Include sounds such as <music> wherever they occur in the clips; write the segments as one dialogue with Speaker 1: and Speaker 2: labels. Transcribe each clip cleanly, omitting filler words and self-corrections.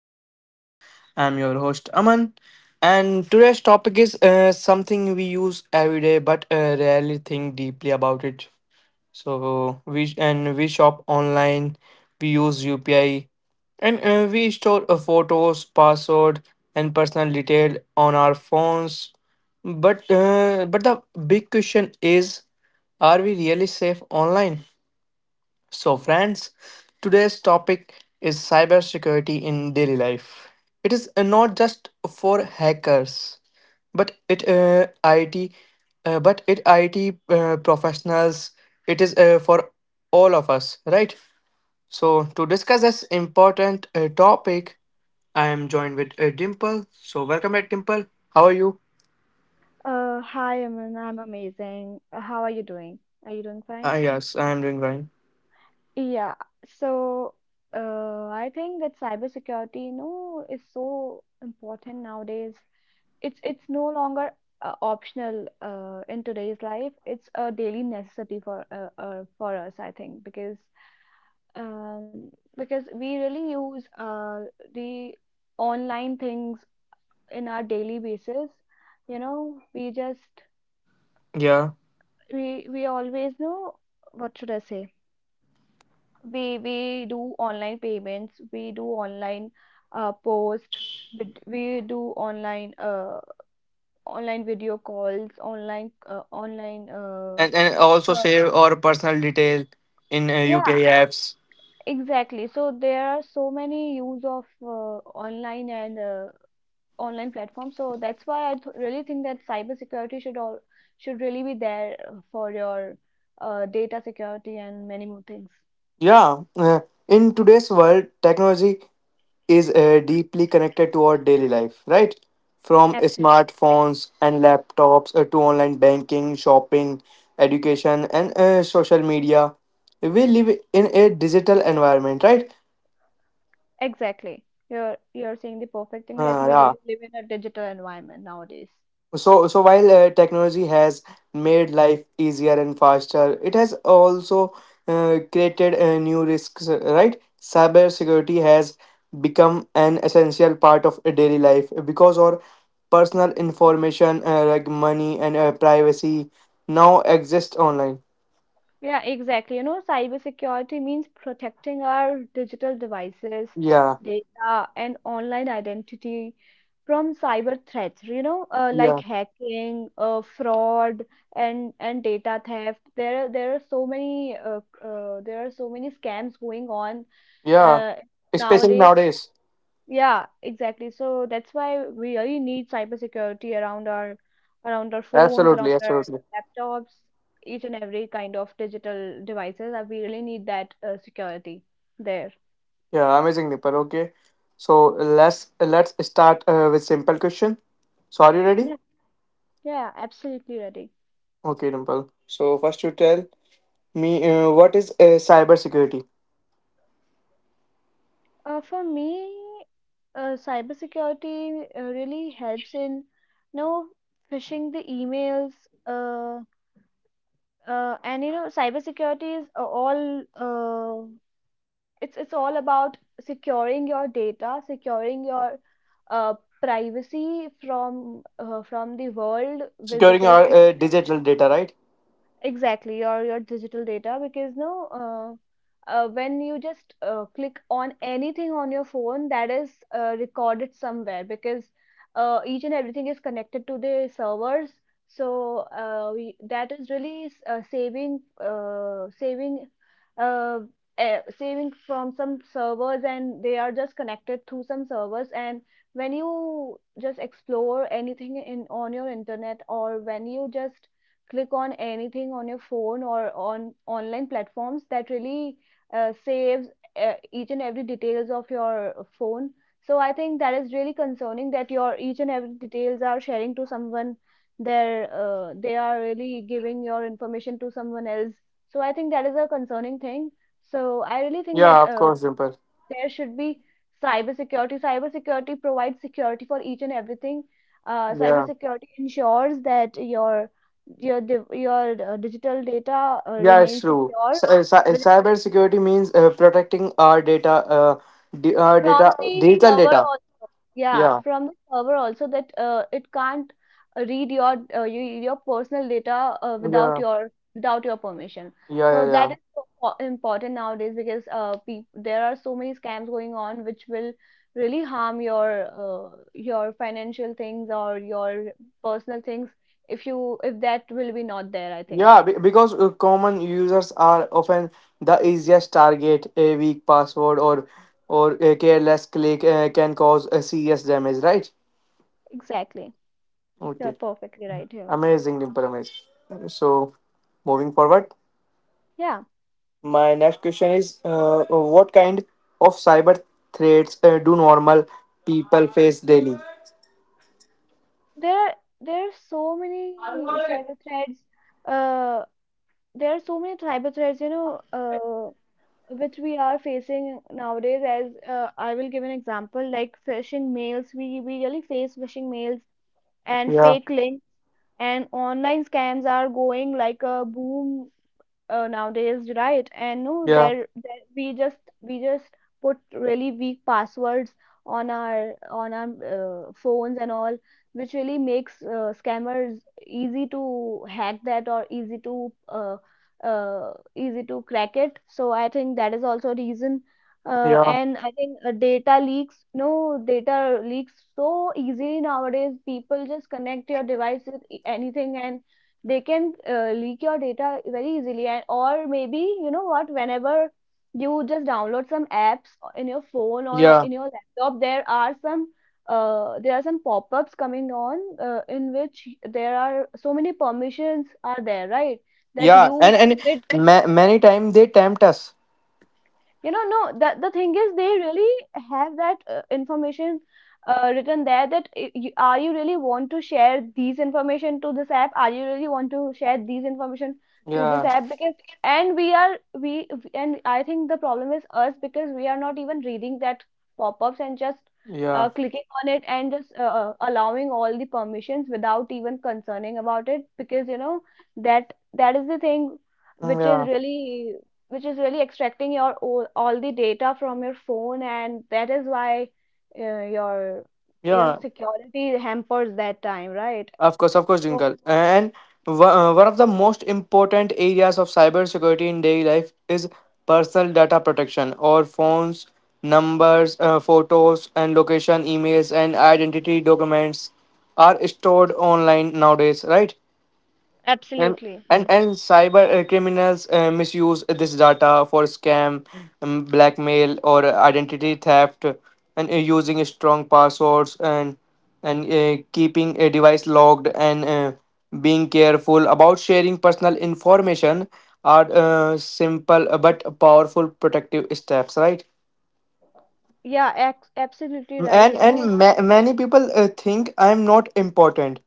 Speaker 1: podcast. I'm your host Aman, and today's topic is something we use every day but rarely think deeply about it. So we shop online, we use UPI, and we store photos, password, and personal detail on our phones. But the big question is, are we really safe online? So, friends, today's topic is cybersecurity in daily life. It is not just for hackers, but it IT, but it IT professionals. It is for all of us, right? So, to discuss this important topic, I am joined with Dimple. So, welcome back, Dimple. How are you?
Speaker 2: Hi, Aman. I'm amazing. How are you doing? Are you doing fine?
Speaker 1: Ah, yes, I am doing fine.
Speaker 2: Yeah. So, I think that cybersecurity, you know, is so important nowadays. It's no longer optional in today's life. It's a daily necessity for us, I think, um, because we really use the online things in our daily basis. You know, we just
Speaker 1: Yeah,
Speaker 2: we always know what should I say? We do online payments, we do online post, we do online online video calls, online online
Speaker 1: and also
Speaker 2: uh,
Speaker 1: save our personal detail in
Speaker 2: yeah,
Speaker 1: UPI apps.
Speaker 2: exactly. So there are so many use of online and online platforms. So that's why I th really think that cybersecurity should really be there for your data security and many more things.
Speaker 1: Yeah, in today's world, technology is deeply connected to our daily life, right? From
Speaker 2: Absolutely.
Speaker 1: smartphones and laptops to online banking, shopping, education, and social media. We live in a digital environment, right?
Speaker 2: Exactly. You're saying the perfect thing that
Speaker 1: Uh,
Speaker 2: we
Speaker 1: yeah.
Speaker 2: really live in a digital environment nowadays.
Speaker 1: So, while technology has made life easier and faster, it has also created new risks, right? Cybersecurity has become an essential part of a daily life because our personal information, like money and privacy, now exist online.
Speaker 2: Yeah, exactly. You know, cybersecurity means protecting our digital devices,
Speaker 1: Yeah,
Speaker 2: data, and online identity from cyber threats. You know, like
Speaker 1: yeah,
Speaker 2: hacking, fraud, and data theft. There are so many there are so many scams going on
Speaker 1: yeah.
Speaker 2: uh,
Speaker 1: Especially
Speaker 2: nowadays. So
Speaker 1: nowadays.
Speaker 2: yeah, exactly. So that's why we really need cybersecurity around our phones,
Speaker 1: Absolutely,
Speaker 2: around our
Speaker 1: absolutely.
Speaker 2: laptops, each and every kind of digital devices. We really need that security there.
Speaker 1: Yeah, amazing, Nipal. Okay, so let's start with simple question. So, are you ready?
Speaker 2: Yeah, yeah, absolutely ready.
Speaker 1: Okay, Dimple. So first, you tell me what is cybersecurity?
Speaker 2: For me, cybersecurity really helps in, you know, phishing the emails. Uh, and you know, cybersecurity is all it's all about securing your data, securing your uh, privacy from the world, will
Speaker 1: Securing
Speaker 2: because you
Speaker 1: our
Speaker 2: know.
Speaker 1: digital data, right?
Speaker 2: Exactly, your digital data because no, when you just click on anything on your phone, that is recorded somewhere because each and everything is connected to the servers. So that is really saving uh, saving from some servers, and they are just connected through some servers. And when you just explore anything in on your internet, or when you just click on anything on your phone or on online platforms that really saves each and every details of your phone. So I think that is really concerning that your each and every details are sharing to someone, their they are really giving your information to someone else. So I think that is a concerning thing. So I really think
Speaker 1: Yeah,
Speaker 2: that
Speaker 1: of course, Dimple.
Speaker 2: there should be cybersecurity. Cybersecurity provides security for each and everything.
Speaker 1: Yeah,
Speaker 2: Cybersecurity ensures that your digital data
Speaker 1: yeah, it's
Speaker 2: remains
Speaker 1: true.
Speaker 2: secure
Speaker 1: Cy- uh, cy-
Speaker 2: with,
Speaker 1: cyber security means protecting our data, uh, di- our data,
Speaker 2: from the
Speaker 1: digital
Speaker 2: server
Speaker 1: data.
Speaker 2: or. Yeah,
Speaker 1: Yeah,
Speaker 2: from the server also that it can't read your your personal data
Speaker 1: yeah,
Speaker 2: without your permission.
Speaker 1: yeah,
Speaker 2: So
Speaker 1: yeah,
Speaker 2: that
Speaker 1: yeah.
Speaker 2: is so important nowadays because peop there are so many scams going on which will really harm your financial things or your personal things if you if that will be not there, I think.
Speaker 1: Yeah, because common users are often the easiest target. A weak password or a careless click can cause a serious damage, right?
Speaker 2: Exactly. You're
Speaker 1: Okay.
Speaker 2: perfectly right here.
Speaker 1: Amazing, Dimple, amazing. So, moving forward,
Speaker 2: Yeah.
Speaker 1: my next question is what kind of cyber threats do normal people face daily?
Speaker 2: There are there are so many cyber threats, uh there are so many tribal threats, you know, which we are facing nowadays. As I will give an example, like phishing mails, we really face phishing mails and
Speaker 1: Yeah,
Speaker 2: fake links, and online scams are going like a boom nowadays, right? And no,
Speaker 1: yeah,
Speaker 2: there we just put really weak passwords on our phones and all, which really makes scammers easy to hack that or easy to easy to crack it. So I think that is also a reason.
Speaker 1: yeah,
Speaker 2: And I think data leaks, no data leaks so easily nowadays. People just connect your device with anything and they can leak your data very easily. And or maybe you know what, whenever you just download some apps in your phone or
Speaker 1: yeah,
Speaker 2: in your laptop, there are some pop-ups coming on in which there are so many permissions are there, right, that
Speaker 1: yeah.
Speaker 2: you
Speaker 1: And
Speaker 2: permit.
Speaker 1: many times they tempt us.
Speaker 2: You know, no, that the thing is they really have that information written there that are you really want to share these information to this app, are you really want to share these information to this
Speaker 1: Yeah,
Speaker 2: app, because and we are we- and I think the problem is us because we are not even reading that pop-ups and just
Speaker 1: yeah,
Speaker 2: clicking on it and just allowing all the permissions without even concerning about it, because you know that is the thing
Speaker 1: mm,
Speaker 2: which is
Speaker 1: yeah,
Speaker 2: really which is really extracting all the data from your phone, and that is why uh, your your
Speaker 1: yeah.
Speaker 2: security hampers that time, right?
Speaker 1: Of course,
Speaker 2: So
Speaker 1: Jinkal. And one of the most important areas of cybersecurity in daily life is personal data protection, or phones, numbers, photos, and location, emails, and identity documents are stored online nowadays, right? and
Speaker 2: absolutely.
Speaker 1: and cyber criminals misuse this data for scam, blackmail or identity theft, and using strong passwords and keeping a device logged, and being careful about sharing personal information are simple but powerful protective steps, right?
Speaker 2: Absolutely right,
Speaker 1: And
Speaker 2: you know.
Speaker 1: many people think I'm not important,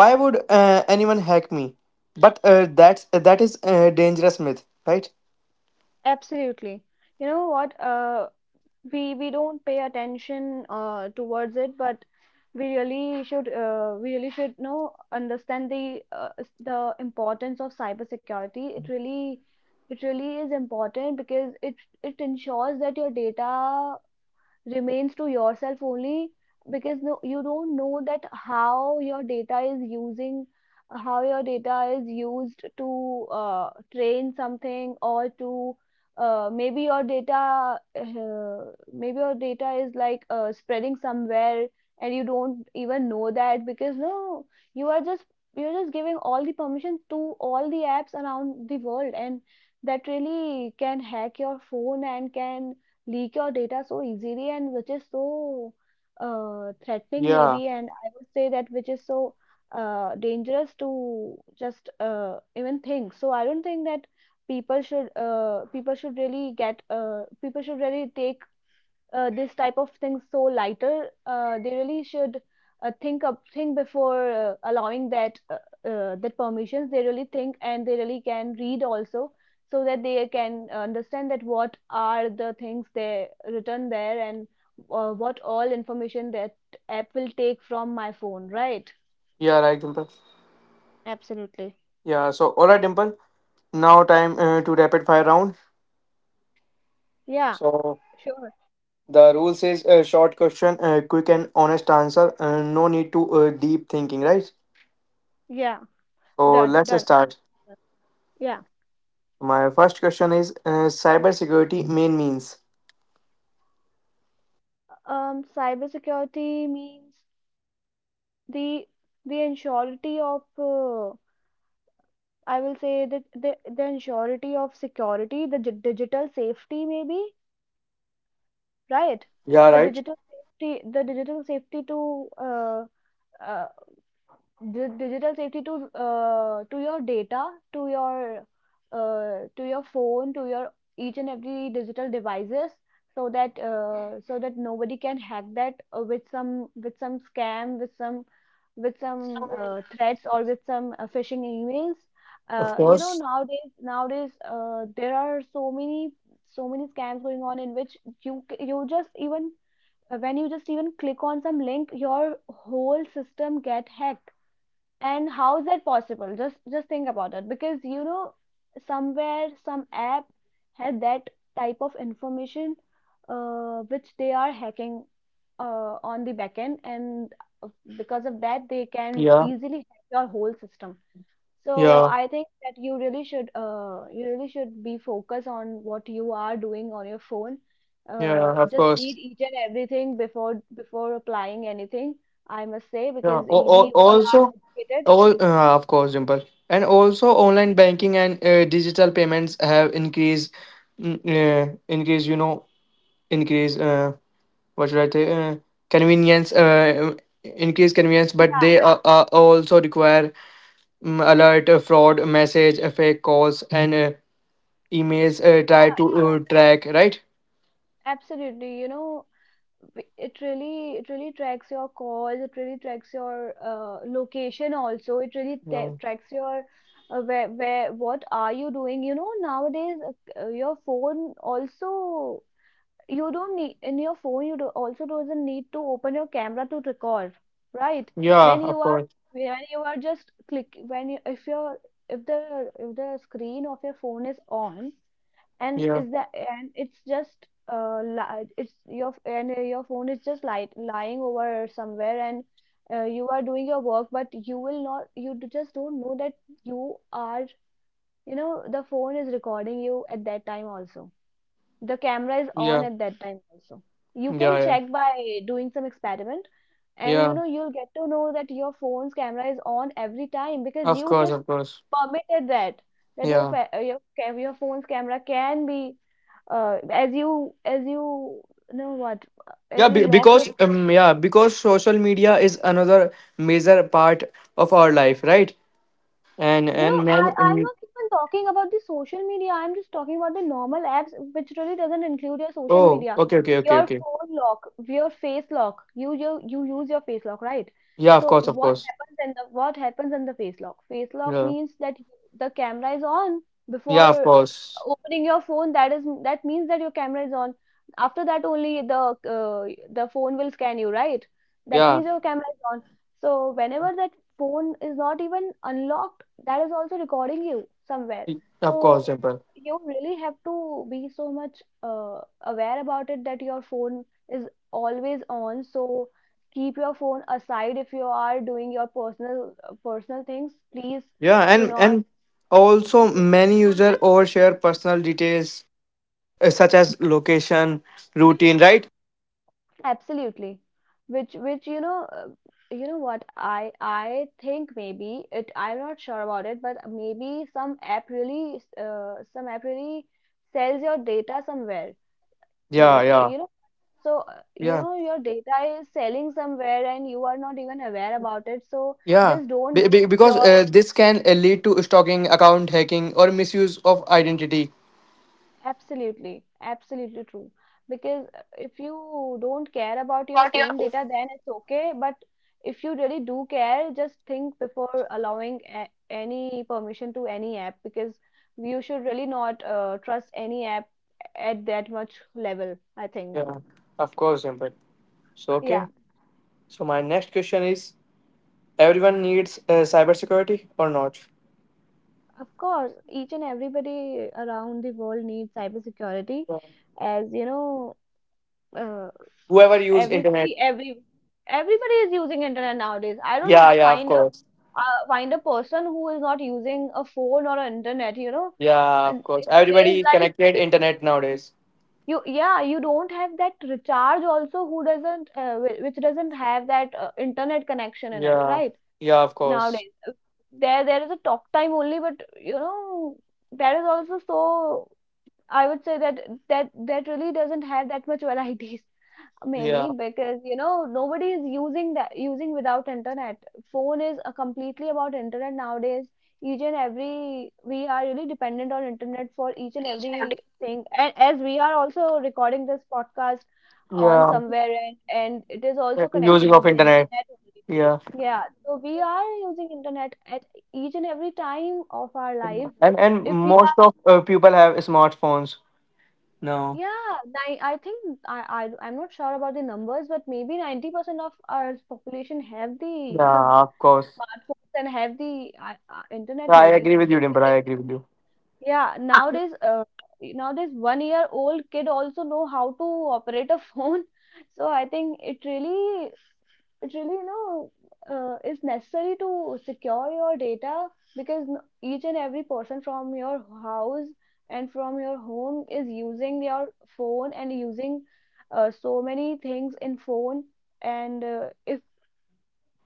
Speaker 1: why would anyone hack me? But that is a dangerous myth, right?
Speaker 2: Absolutely. You know what, we don't pay attention towards it, but we really should, we really should know understand the the importance of cybersecurity. It really, it really is important because it ensures that your data remains to yourself only. Because no, you don't know that how your data is using, how your data is used to train something or to uh, maybe your data uh, maybe your data is like spreading somewhere, and you don't even know that. Because no, you are just, you're just giving all the permissions to all the apps around the world, and that really can hack your phone and can leak your data so easily, and which is so threatening,
Speaker 1: Yeah,
Speaker 2: maybe, and I would say that which is so dangerous to just even think. So I don't think that people should really get people should really take this type of things so lighter, they really should think before allowing that permissions. They really think and they really can read also, so that they can understand that what are the things they written there, and what all information that app will take from my phone, right?
Speaker 1: yeah, right, Dimple.
Speaker 2: Absolutely.
Speaker 1: Yeah, so all right, Dimple, now time to rapid fire round.
Speaker 2: Yeah,
Speaker 1: So
Speaker 2: sure.
Speaker 1: the rule says short question, quick and honest answer, no need to deep thinking, right?
Speaker 2: Yeah,
Speaker 1: So
Speaker 2: done,
Speaker 1: let's
Speaker 2: done.
Speaker 1: start.
Speaker 2: Yeah.
Speaker 1: My first question is: cybersecurity main means?
Speaker 2: Cybersecurity means the the ensurety of I will say that the ensurety of security, the digital safety, maybe, right?
Speaker 1: Yeah, right,
Speaker 2: The digital safety to uh, digital safety to your data, to your phone, to your each and every digital devices, so that so that nobody can hack that with some, with some scam, with some, with some threats, or with some phishing emails.
Speaker 1: of
Speaker 2: You know,
Speaker 1: course.
Speaker 2: nowadays, nowadays there are so many, so many scams going on, in which you just even when you just even click on some link, your whole system get hacked. And how is that possible? Just think about it, because you know somewhere some app had that type of information which they are hacking on the backend, and uh, because of that they can
Speaker 1: Yeah,
Speaker 2: easily hack your whole system. So
Speaker 1: yeah.
Speaker 2: I think that you really should, you really should be focused on what you are doing on your phone.
Speaker 1: Yeah, of
Speaker 2: Just read
Speaker 1: course.
Speaker 2: each and everything before applying anything. I must say,
Speaker 1: Yeah.
Speaker 2: because
Speaker 1: O- o-
Speaker 2: we all are
Speaker 1: also,
Speaker 2: educated.
Speaker 1: all of course, Dimple. And also, online banking and digital payments have increased, increase. Increase. What should I say? Convenience. Increase convenience, but
Speaker 2: Yeah,
Speaker 1: they are also require alert, fraud, message, fake calls, and emails. Try
Speaker 2: yeah,
Speaker 1: to track. Right.
Speaker 2: absolutely. You know, it really, it really tracks your calls, it really tracks your location also. It really ta
Speaker 1: Yeah.
Speaker 2: tracks your where what are you doing? You know, nowadays your phone also, you don't need in your phone you do, also doesn't need to open your camera to record, right?
Speaker 1: Yeah.
Speaker 2: When you
Speaker 1: Of
Speaker 2: are,
Speaker 1: course.
Speaker 2: when you are just click when you, if your, if the screen of your phone is on, and
Speaker 1: Yeah.
Speaker 2: is that and it's just it's your, and your phone is just light lying over somewhere, and you are doing your work but you will not, just don't know that you are, you know, the phone is recording you at that time also, the camera is on
Speaker 1: Yeah.
Speaker 2: at that time also. You
Speaker 1: Yeah.
Speaker 2: can
Speaker 1: Yeah.
Speaker 2: check by doing some experiment, and you
Speaker 1: Yeah.
Speaker 2: know you'll get to know that your phone's camera is on every time, because
Speaker 1: Of
Speaker 2: you
Speaker 1: course.
Speaker 2: just
Speaker 1: Of course.
Speaker 2: permitted that, that your
Speaker 1: Yeah.
Speaker 2: your phone's camera can be as you you know what, as
Speaker 1: Yeah,
Speaker 2: you
Speaker 1: be-
Speaker 2: lock your...
Speaker 1: because um, yeah, because social media is another major part of our life, right? And
Speaker 2: You
Speaker 1: and
Speaker 2: know, I,
Speaker 1: man,
Speaker 2: I'm
Speaker 1: um,
Speaker 2: not even talking about the social media. I'm just talking about the normal apps, which really doesn't include your social
Speaker 1: oh,
Speaker 2: media.
Speaker 1: okay, okay, okay,
Speaker 2: Your
Speaker 1: okay.
Speaker 2: phone lock, your face lock. You use your face lock, right?
Speaker 1: Yeah, of
Speaker 2: So
Speaker 1: course, of course.
Speaker 2: what happens in the face lock? Face lock
Speaker 1: Yeah,
Speaker 2: means that you, the camera is on
Speaker 1: yeah, of
Speaker 2: before
Speaker 1: course.
Speaker 2: opening your phone. That is, that means that your camera is on. After that, only uh, the phone will scan you, right? That
Speaker 1: Yeah,
Speaker 2: means your camera is on. So whenever that phone is not even unlocked, that is also recording you somewhere. So
Speaker 1: of course, simple.
Speaker 2: you really have to be so much aware about it that your phone is always on. So keep your phone aside if you are doing your personal things. Please
Speaker 1: Yeah,
Speaker 2: do
Speaker 1: and
Speaker 2: not.
Speaker 1: also many user overshare personal details such as location, routine, right?
Speaker 2: Absolutely. Which you know what, I think maybe it, I'm not sure about it, but maybe some app really sells your data somewhere.
Speaker 1: Yeah,
Speaker 2: They,
Speaker 1: yeah,
Speaker 2: you know, so you
Speaker 1: yeah,
Speaker 2: know your data is selling somewhere and you are not even aware about it, so
Speaker 1: yeah.
Speaker 2: just don't
Speaker 1: Be-
Speaker 2: give
Speaker 1: be- because
Speaker 2: your.
Speaker 1: uh, this can lead to stalking, account hacking, or misuse of identity.
Speaker 2: Absolutely, absolutely true. Because if you don't care about your own data, then it's okay. But if you really do care, just think before allowing a any permission to any app because you should really not trust any app at that much level, I think.
Speaker 1: Yeah, of course, Dimple. So, okay.
Speaker 2: Yeah,
Speaker 1: So, my next question is: everyone needs cybersecurity or not?
Speaker 2: of course, each and everybody around the world needs cybersecurity,
Speaker 1: Yeah.
Speaker 2: as you know, uh,
Speaker 1: Whoever use internet.
Speaker 2: everybody, every, everybody is using internet nowadays. I
Speaker 1: Yeah,
Speaker 2: don't
Speaker 1: yeah, of
Speaker 2: find a
Speaker 1: course.
Speaker 2: find a person who is not using a phone or an internet, you know.
Speaker 1: Yeah,
Speaker 2: And
Speaker 1: of course.
Speaker 2: in today's
Speaker 1: Everybody
Speaker 2: life,
Speaker 1: connected internet nowadays.
Speaker 2: you don't have that recharge also, who doesn't whi- which doesn't have that internet connection in it,
Speaker 1: Yeah.
Speaker 2: right,
Speaker 1: Yeah, of course.
Speaker 2: nowadays. There is a talk time only, but you know that is also so, I would say that that really doesn't have that much <laughs> variety.
Speaker 1: Yeah.
Speaker 2: Maybe because, you know, nobody is using that using without internet. Phone is completely about internet nowadays. Each and every, we are really dependent on internet for each and every thing. And as we are also recording this podcast on
Speaker 1: Yeah.
Speaker 2: somewhere and it is also
Speaker 1: Yeah,
Speaker 2: connected
Speaker 1: using of
Speaker 2: with the
Speaker 1: internet.
Speaker 2: internet
Speaker 1: Yeah.
Speaker 2: only. Yeah, so we are using internet at each and every time of our life.
Speaker 1: And
Speaker 2: If we.
Speaker 1: most of people have smartphones. No.
Speaker 2: I think I'm not sure about the numbers, but maybe 90% of our population have the
Speaker 1: Yeah, of course.
Speaker 2: smartphones and have the internet
Speaker 1: I
Speaker 2: maybe
Speaker 1: agree with you, Dimple. I
Speaker 2: because,
Speaker 1: agree with you.
Speaker 2: yeah, nowadays 1 year old kid also know how to operate a phone. <laughs> So I think it really, it really, you know, is necessary to secure your data because n- each and every person from your house and from your home is using your phone and using so many things in phone and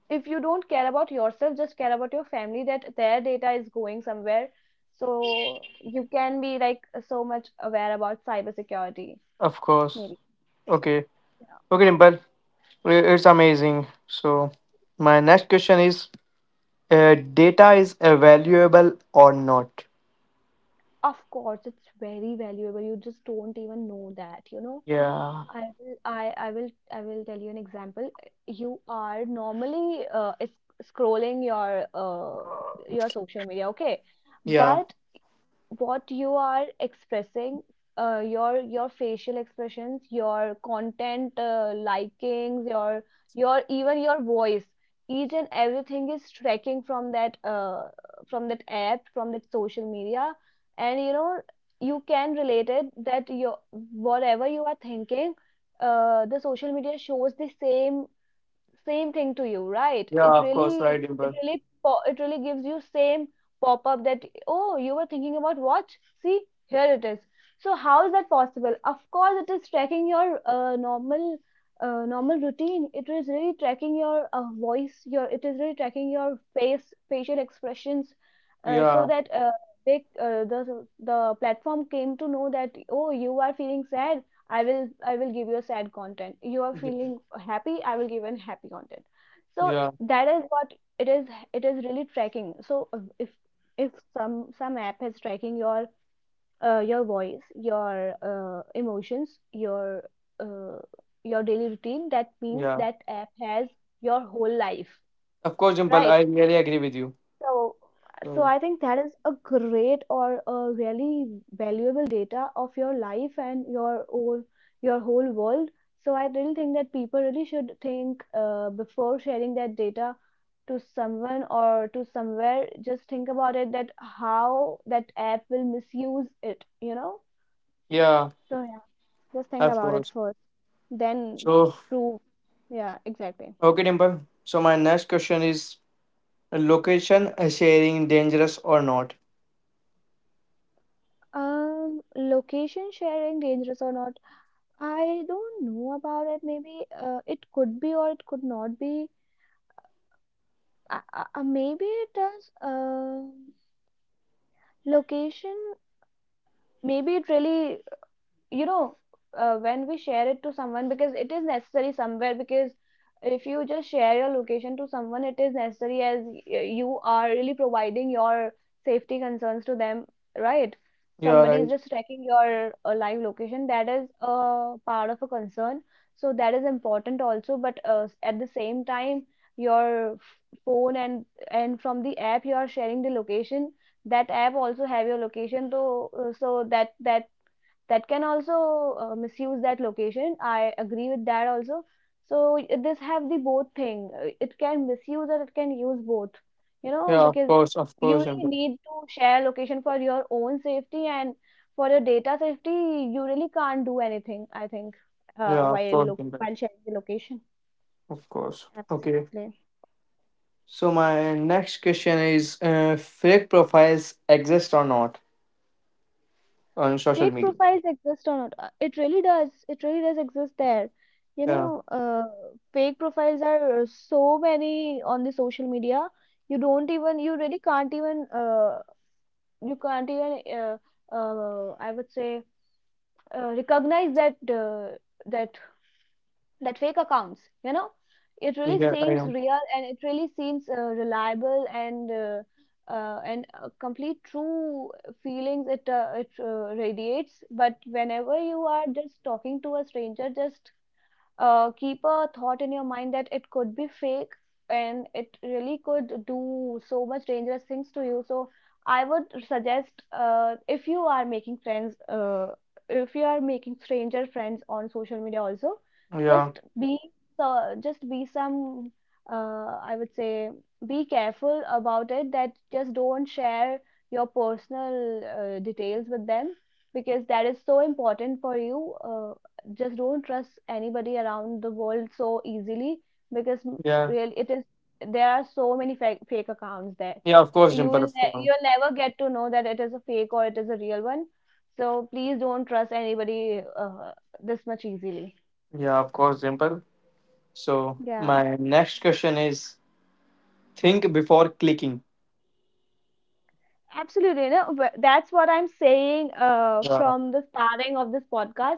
Speaker 2: if you don't care about yourself, just care about your family, that their data is going somewhere, so you can be like so much aware about cybersecurity
Speaker 1: Of course.
Speaker 2: maybe.
Speaker 1: Okay. Okay, Dimple. It's amazing. So, my next question is: data is valuable or not?
Speaker 2: Of course it's very valuable. You just don't even know that, you know.
Speaker 1: Yeah,
Speaker 2: I will tell you an example. You are normally is- scrolling your social media, okay?
Speaker 1: yeah,
Speaker 2: But what you are expressing, your facial expressions, your content, likings, your even your voice, each and everything is tracking from that app, from that social media. And you know, you can relate it that your whatever you are thinking, the social media shows the same same thing to you, right?
Speaker 1: yeah, of course, right,
Speaker 2: It
Speaker 1: Dimple.
Speaker 2: really, po- it really gives you same pop-up that, oh, you were thinking about watch. See, here it is. So how is that possible? Of course, it is tracking your normal, normal routine. It is really tracking your voice. Your, it is really tracking your face, facial expressions, so
Speaker 1: Yeah,
Speaker 2: that they, the platform came to know that, oh, you are feeling sad. I will give you a sad content. You are
Speaker 1: yeah,
Speaker 2: feeling happy, I will give an happy content. So
Speaker 1: yeah,
Speaker 2: that is what it is, it is really tracking. So if some some app is tracking your voice, your emotions, uh, your daily routine, that means
Speaker 1: yeah.
Speaker 2: that app has your whole life,
Speaker 1: Of course, Dimple,
Speaker 2: right?
Speaker 1: I really agree with you.
Speaker 2: So, so
Speaker 1: So,
Speaker 2: I think that is a great or a really valuable data of your life and your whole world. So I really think that people really should think before sharing that data to someone or to somewhere. Just think about it, that how that app will misuse it, you know?
Speaker 1: yeah,
Speaker 2: So yeah, just think
Speaker 1: of
Speaker 2: about it
Speaker 1: course.
Speaker 2: first, then
Speaker 1: So,
Speaker 2: prove. Yeah, exactly.
Speaker 1: okay, Dimple. So, my next question is: location sharing, dangerous or not?
Speaker 2: Location sharing dangerous or not? I don't know about it. Maybe it could be or it could not be. Maybe it does. Location. Maybe it really, you know, when we share it to someone, because it is necessary somewhere, because if you just share your location to someone, it is necessary as y- you are really providing your safety concerns to them, right?
Speaker 1: Yeah,
Speaker 2: Somebody is
Speaker 1: right.
Speaker 2: just tracking your live location, that is a part of a concern, so that is important also. But s- at the same time, your f- phone and from the app you are sharing the location, that app also have your location, so so that that can also misuse that location, I agree with that also. So y- this have the both thing. It can misuse and it can use both, you know,
Speaker 1: Yeah,
Speaker 2: because
Speaker 1: of
Speaker 2: you
Speaker 1: course,
Speaker 2: really
Speaker 1: Dimple.
Speaker 2: need to share location for your own safety and for your data safety. You really can't do anything, I think, uh,
Speaker 1: Yeah, of
Speaker 2: while
Speaker 1: course,
Speaker 2: look
Speaker 1: Dimple.
Speaker 2: while sharing the location.
Speaker 1: Of course. Okay.
Speaker 2: Absolutely.
Speaker 1: So my next question is: fake profiles exist or not on social
Speaker 2: Fake
Speaker 1: media?
Speaker 2: profiles exist or not. It really does, it really does exist there, you know.
Speaker 1: Yeah,
Speaker 2: Fake profiles are so many on the social media. You don't even, you really can't even you can't even I would say recognize that that that fake accounts, you know. It really
Speaker 1: yeah, I
Speaker 2: seems
Speaker 1: know.
Speaker 2: real and it really seems reliable and complete true feelings it radiates. But whenever you are just talking to a stranger, just keep a thought in your mind that it could be fake, and it really could do so much dangerous things to you. So I would suggest, if you are making friends, if you are making stranger friends on social media also,
Speaker 1: Yeah,
Speaker 2: just be, so just be some, I would say, be careful about it, that just don't share your personal details with them, because that is so important for you. Just don't trust anybody around the world so easily because m-
Speaker 1: yeah,
Speaker 2: real it is, there are so many fake accounts there.
Speaker 1: yeah. Of course,
Speaker 2: You
Speaker 1: Dimple.
Speaker 2: will
Speaker 1: Of
Speaker 2: ne-
Speaker 1: course.
Speaker 2: you'll never get to know that it is a fake or it is a real one. So please don't trust anybody this much easily.
Speaker 1: Yeah, of course, Dimple. So
Speaker 2: Yeah.
Speaker 1: my next question is: think before clicking.
Speaker 2: Absolutely, you know, wh- that's what I'm saying,
Speaker 1: Yeah,
Speaker 2: from the starting of this podcast,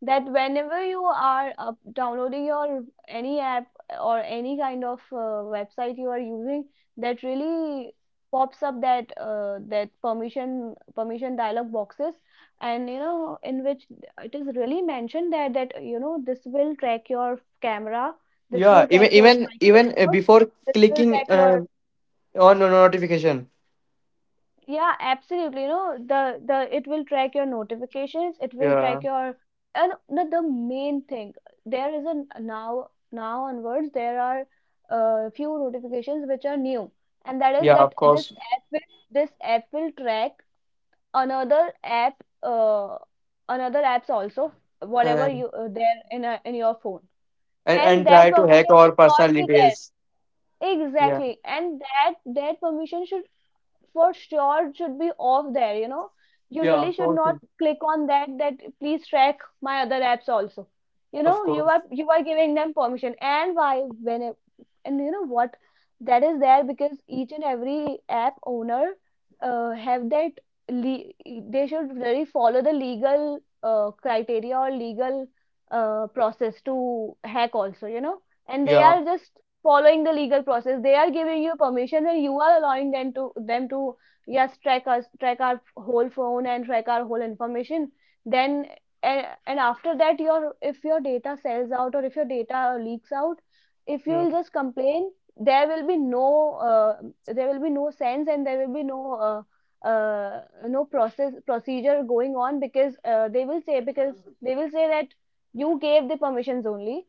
Speaker 2: that whenever you are downloading your any app or any kind of website you are using, that really pops up that that permission dialog boxes, and you know, in which it is really mentioned that that, you know, this will track your camera, this
Speaker 1: yeah.
Speaker 2: will
Speaker 1: Even
Speaker 2: track your
Speaker 1: even even uh,
Speaker 2: microphone,
Speaker 1: before
Speaker 2: this will
Speaker 1: clicking
Speaker 2: track your.
Speaker 1: on a notification.
Speaker 2: Yeah, absolutely. You know, the it will track your notifications, it will
Speaker 1: Yeah,
Speaker 2: track your and the main thing, there is a now onwards there are few notifications which are new, and that is
Speaker 1: yeah. Of
Speaker 2: that this
Speaker 1: course.
Speaker 2: app will, this app will track another app another apps also, whatever
Speaker 1: And
Speaker 2: you there in a, in your phone.
Speaker 1: and,
Speaker 2: And
Speaker 1: and
Speaker 2: that
Speaker 1: try to hack
Speaker 2: permission
Speaker 1: our
Speaker 2: should
Speaker 1: personal
Speaker 2: not be
Speaker 1: details.
Speaker 2: there,
Speaker 1: Yeah,
Speaker 2: exactly, and that permission should for sure should be off there, you know. You
Speaker 1: yeah.
Speaker 2: really
Speaker 1: Of
Speaker 2: should
Speaker 1: course,
Speaker 2: not
Speaker 1: Dimple.
Speaker 2: click on that please track my other apps also. You
Speaker 1: Of
Speaker 2: know,
Speaker 1: course.
Speaker 2: you are giving them permission. And why when it- and you know what? That is there because each and every app owner have that, le- they should really follow the legal criteria or legal process to hack also, you know. And they
Speaker 1: Yeah.
Speaker 2: are just following the legal process. They are giving you permission and you are allowing them to them to, yes, track us, track our whole phone and track our whole information. Then and after that your, if your data sells out or if your data leaks out, if
Speaker 1: Yeah.
Speaker 2: you'll just complain, there will be no there will be no sense and there will be no uh, no process procedure going on because they will say, because they will say that you gave the permissions only.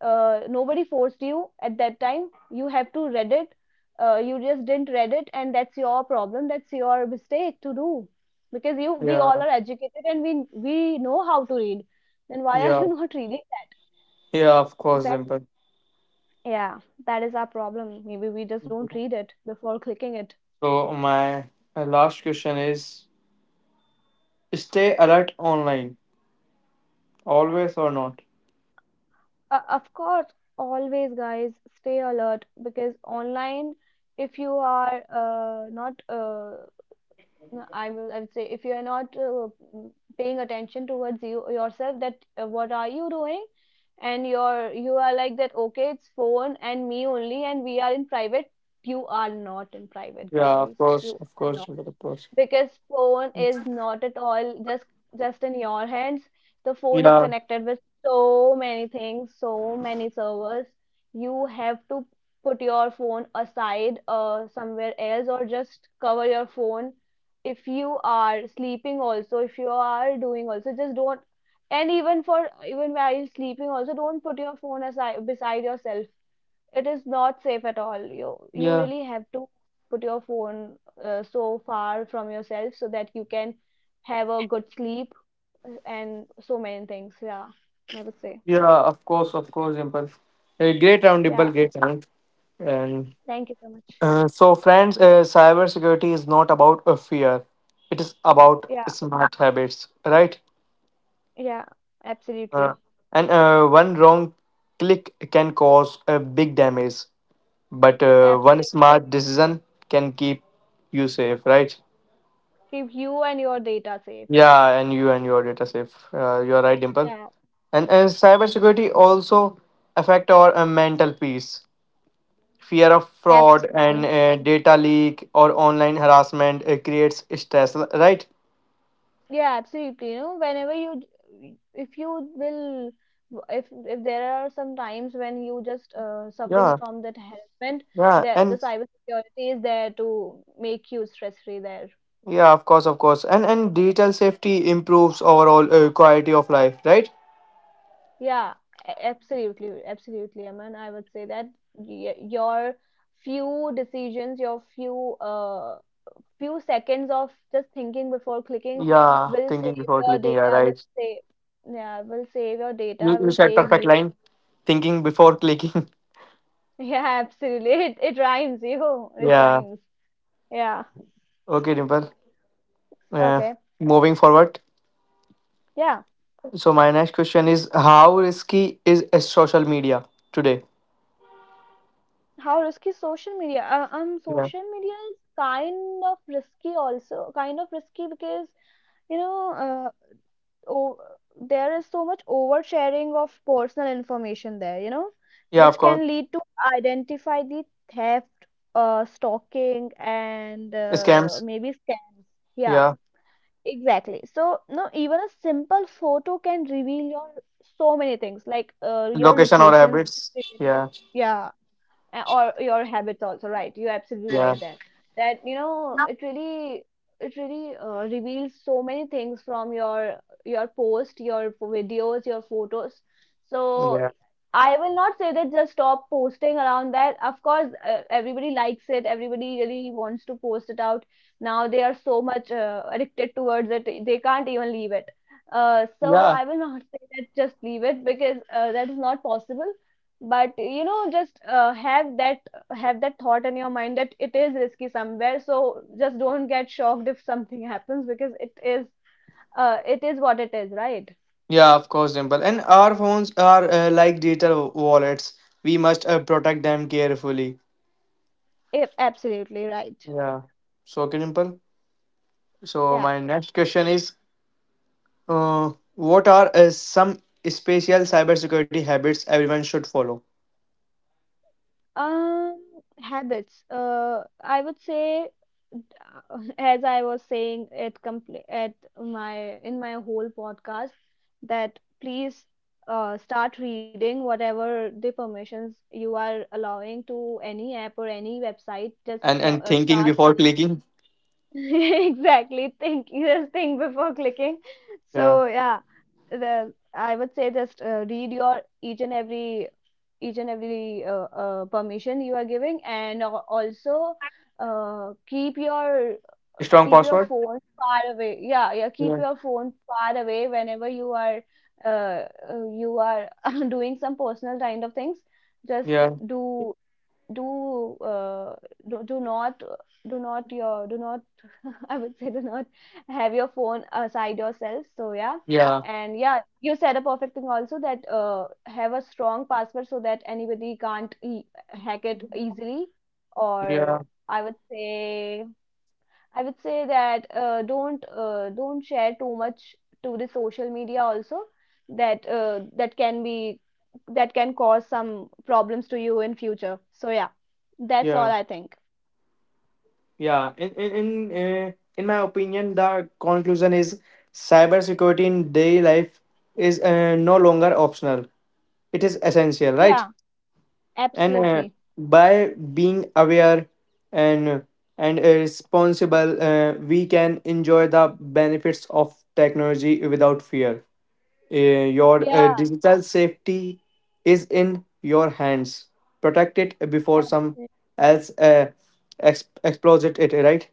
Speaker 2: Nobody forced you at that time, you have to read it. You just didn't read it and that's your problem, that's your mistake to do, because you, we
Speaker 1: Yeah.
Speaker 2: all are educated and we know how to read, then why are
Speaker 1: Yeah,
Speaker 2: you <laughs> not reading that.
Speaker 1: yeah, of course,
Speaker 2: Exactly.
Speaker 1: Dimple.
Speaker 2: Yeah, that is our problem. Maybe we just don't read it before clicking it.
Speaker 1: So my last question is: stay alert online, always or not?
Speaker 2: Of course, always, guys, stay alert because online, if you are not no, I will. I would say if you are not paying attention towards yourself, that what are you doing, and you are like that. Okay, it's phone and me only, and we are in private. You are not in private,
Speaker 1: Yeah,
Speaker 2: guys. You
Speaker 1: of
Speaker 2: are
Speaker 1: course,
Speaker 2: not,
Speaker 1: Dimple, of course.
Speaker 2: because phone is not at all just in your hands. The phone is
Speaker 1: Yeah,
Speaker 2: connected with so many things, so many servers. You have to put your phone aside somewhere else or just cover your phone. If you are sleeping also, if you are doing also, just don't. And even for even while sleeping also, don't put your phone aside beside yourself. It is not safe at all. You
Speaker 1: yeah,
Speaker 2: really have to put your phone so far from yourself so that you can have a good sleep, and so many things. Yeah, I would say.
Speaker 1: yeah, of course, Dimple. A great round,
Speaker 2: Yeah,
Speaker 1: Dimple, great round. And
Speaker 2: thank you so much.
Speaker 1: so, friends, cybersecurity is not about a fear; it is about
Speaker 2: Yeah,
Speaker 1: smart habits, right?
Speaker 2: yeah,
Speaker 1: Uh,
Speaker 2: absolutely.
Speaker 1: and one wrong click can cause a big damage, but one
Speaker 2: Absolutely.
Speaker 1: smart decision can keep you safe, right?
Speaker 2: Keep you and your data safe.
Speaker 1: Yeah, and you and your data safe, you're right, Dimple.
Speaker 2: Yeah,
Speaker 1: And cybersecurity also affect our mental peace. Fear of fraud and
Speaker 2: absolutely.
Speaker 1: data leak or online harassment creates stress, right?
Speaker 2: Yeah, absolutely. You know, whenever if you will, if there are some times when you just suffering
Speaker 1: Yeah,
Speaker 2: from that harassment,
Speaker 1: yeah,
Speaker 2: that the
Speaker 1: and
Speaker 2: cybersecurity is there to make you stress free there.
Speaker 1: yeah, of course, of course. And digital safety improves overall quality of life, right?
Speaker 2: Yeah, absolutely, absolutely. I mean, I would say that y your few decisions, your few seconds of just thinking before clicking
Speaker 1: Yeah,
Speaker 2: will
Speaker 1: thinking
Speaker 2: save
Speaker 1: before
Speaker 2: your
Speaker 1: clicking. Yeah,
Speaker 2: data, will
Speaker 1: right.
Speaker 2: save yeah, will save your
Speaker 1: you,
Speaker 2: data,
Speaker 1: you
Speaker 2: will
Speaker 1: said
Speaker 2: save
Speaker 1: perfect
Speaker 2: you.
Speaker 1: line, thinking before clicking.
Speaker 2: Yeah, absolutely. It rhymes, yo. It
Speaker 1: Yeah.
Speaker 2: rhymes. Yeah.
Speaker 1: Okay, Dimple. Yeah.
Speaker 2: Okay.
Speaker 1: Moving forward.
Speaker 2: Yeah.
Speaker 1: So my next question is: how risky is a social media today?
Speaker 2: How risky social media?
Speaker 1: Yeah.
Speaker 2: Social media is kind of risky also. Kind of risky because you know, uh, oh, there is so much oversharing of personal information there. You know,
Speaker 1: Yeah, of
Speaker 2: which
Speaker 1: course.
Speaker 2: can lead to identify the theft, stalking, and
Speaker 1: Scams.
Speaker 2: maybe scams. Yeah.
Speaker 1: Yeah.
Speaker 2: Exactly. So, no, even a simple photo can reveal your so many things, like your
Speaker 1: Location or
Speaker 2: location.
Speaker 1: habits.
Speaker 2: Revealing.
Speaker 1: Yeah.
Speaker 2: Yeah, or your habits also, right? You're absolutely
Speaker 1: Yeah.
Speaker 2: right there. That you know, it really, it really reveals so many things from your post, your videos, your photos. So
Speaker 1: Yeah.
Speaker 2: I will not say that just stop posting around that. Of course everybody likes it, everybody really wants to post it out. Now they are so much addicted towards it, they can't even leave it. So
Speaker 1: Yeah.
Speaker 2: I will not <laughs> say that just leave it, because that is not possible. But you know, just have that, have that thought in your mind that it is risky somewhere. So just don't get shocked if something <laughs> happens, because it is, it is what it is, right?
Speaker 1: Yeah, of course, Dimple. And our phones are like digital wallets. We must protect them carefully.
Speaker 2: Yeah, absolutely right.
Speaker 1: Yeah. So okay, Dimple. So
Speaker 2: Yeah.
Speaker 1: my next question is: what are some special cybersecurity habits everyone should follow?
Speaker 2: Um, Habits. I would say, <laughs> as I was saying at at my whole podcast, that please start reading whatever the permissions you are allowing to any app or any website. Just
Speaker 1: and and thinking
Speaker 2: start
Speaker 1: before
Speaker 2: reading.
Speaker 1: clicking.
Speaker 2: <laughs> Exactly. Think, just think before clicking.
Speaker 1: Yeah.
Speaker 2: So yeah, the I would say just read your each and every, each and every permission you are giving. And also keep your,
Speaker 1: Strong
Speaker 2: keep your
Speaker 1: password.
Speaker 2: phone far away. Yeah, yeah,
Speaker 1: Yeah,
Speaker 2: keep your phone far away whenever uh, you are <laughs> doing some personal kind of things. Just
Speaker 1: yeah,
Speaker 2: do, do do, do not, do not your, do not, <laughs> I would say do not have your phone aside yourself. So yeah,
Speaker 1: yeah,
Speaker 2: and yeah, you said a perfect thing also, that have a strong password so that anybody can't hack it easily.
Speaker 1: yeah.
Speaker 2: Or I would say, I would say that don't don't share too much to the social media also. That that can be, that can cause some problems to you in future. So yeah, that's
Speaker 1: Yeah.
Speaker 2: all I think.
Speaker 1: Yeah. Uh, in my opinion, the conclusion is cybersecurity in daily life is no longer optional. It is essential, right?
Speaker 2: Yeah,
Speaker 1: And
Speaker 2: absolutely.
Speaker 1: by being aware and responsible, we can enjoy the benefits of technology without fear. Your
Speaker 2: Yeah.
Speaker 1: digital safety is in your hands. Protect it before some else explodes it, right?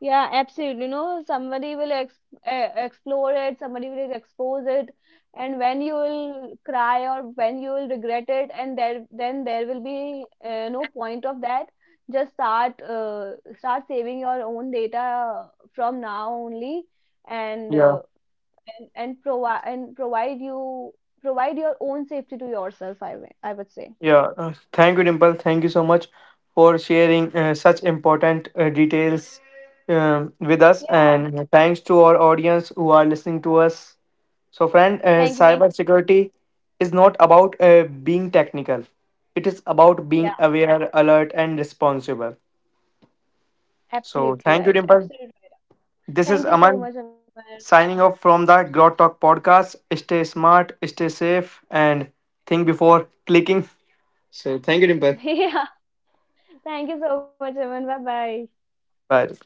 Speaker 2: Yeah, absolutely. You know, somebody will ex explore it, somebody will expose it. And when you will cry or when you will regret it, and there then there will be no point of that. Just start start saving your own data from now only, and
Speaker 1: Yeah,
Speaker 2: uh, and provide, and provide you, provide your own safety to yourself. I would say.
Speaker 1: yeah. Thank you, Dimple. Thank you so much for sharing such important details with us.
Speaker 2: Yeah.
Speaker 1: And thanks to our audience who are listening to us. So, friend,
Speaker 2: Thank you. Thank
Speaker 1: cybersecurity is not about being technical, it is about
Speaker 2: you. Yeah.
Speaker 1: being aware, alert, and responsible. So,
Speaker 2: Absolutely
Speaker 1: thank you,
Speaker 2: right.
Speaker 1: Dimple.
Speaker 2: Absolutely. Right.
Speaker 1: This is
Speaker 2: Thank you so
Speaker 1: Aman
Speaker 2: much, Amar.
Speaker 1: signing off from the Grow Talk podcast. Stay smart, stay safe, and think before clicking. So, thank you,
Speaker 2: <laughs>
Speaker 1: Dimple.
Speaker 2: Yeah. Thank you so much, Aman. Bye bye.
Speaker 1: Bye.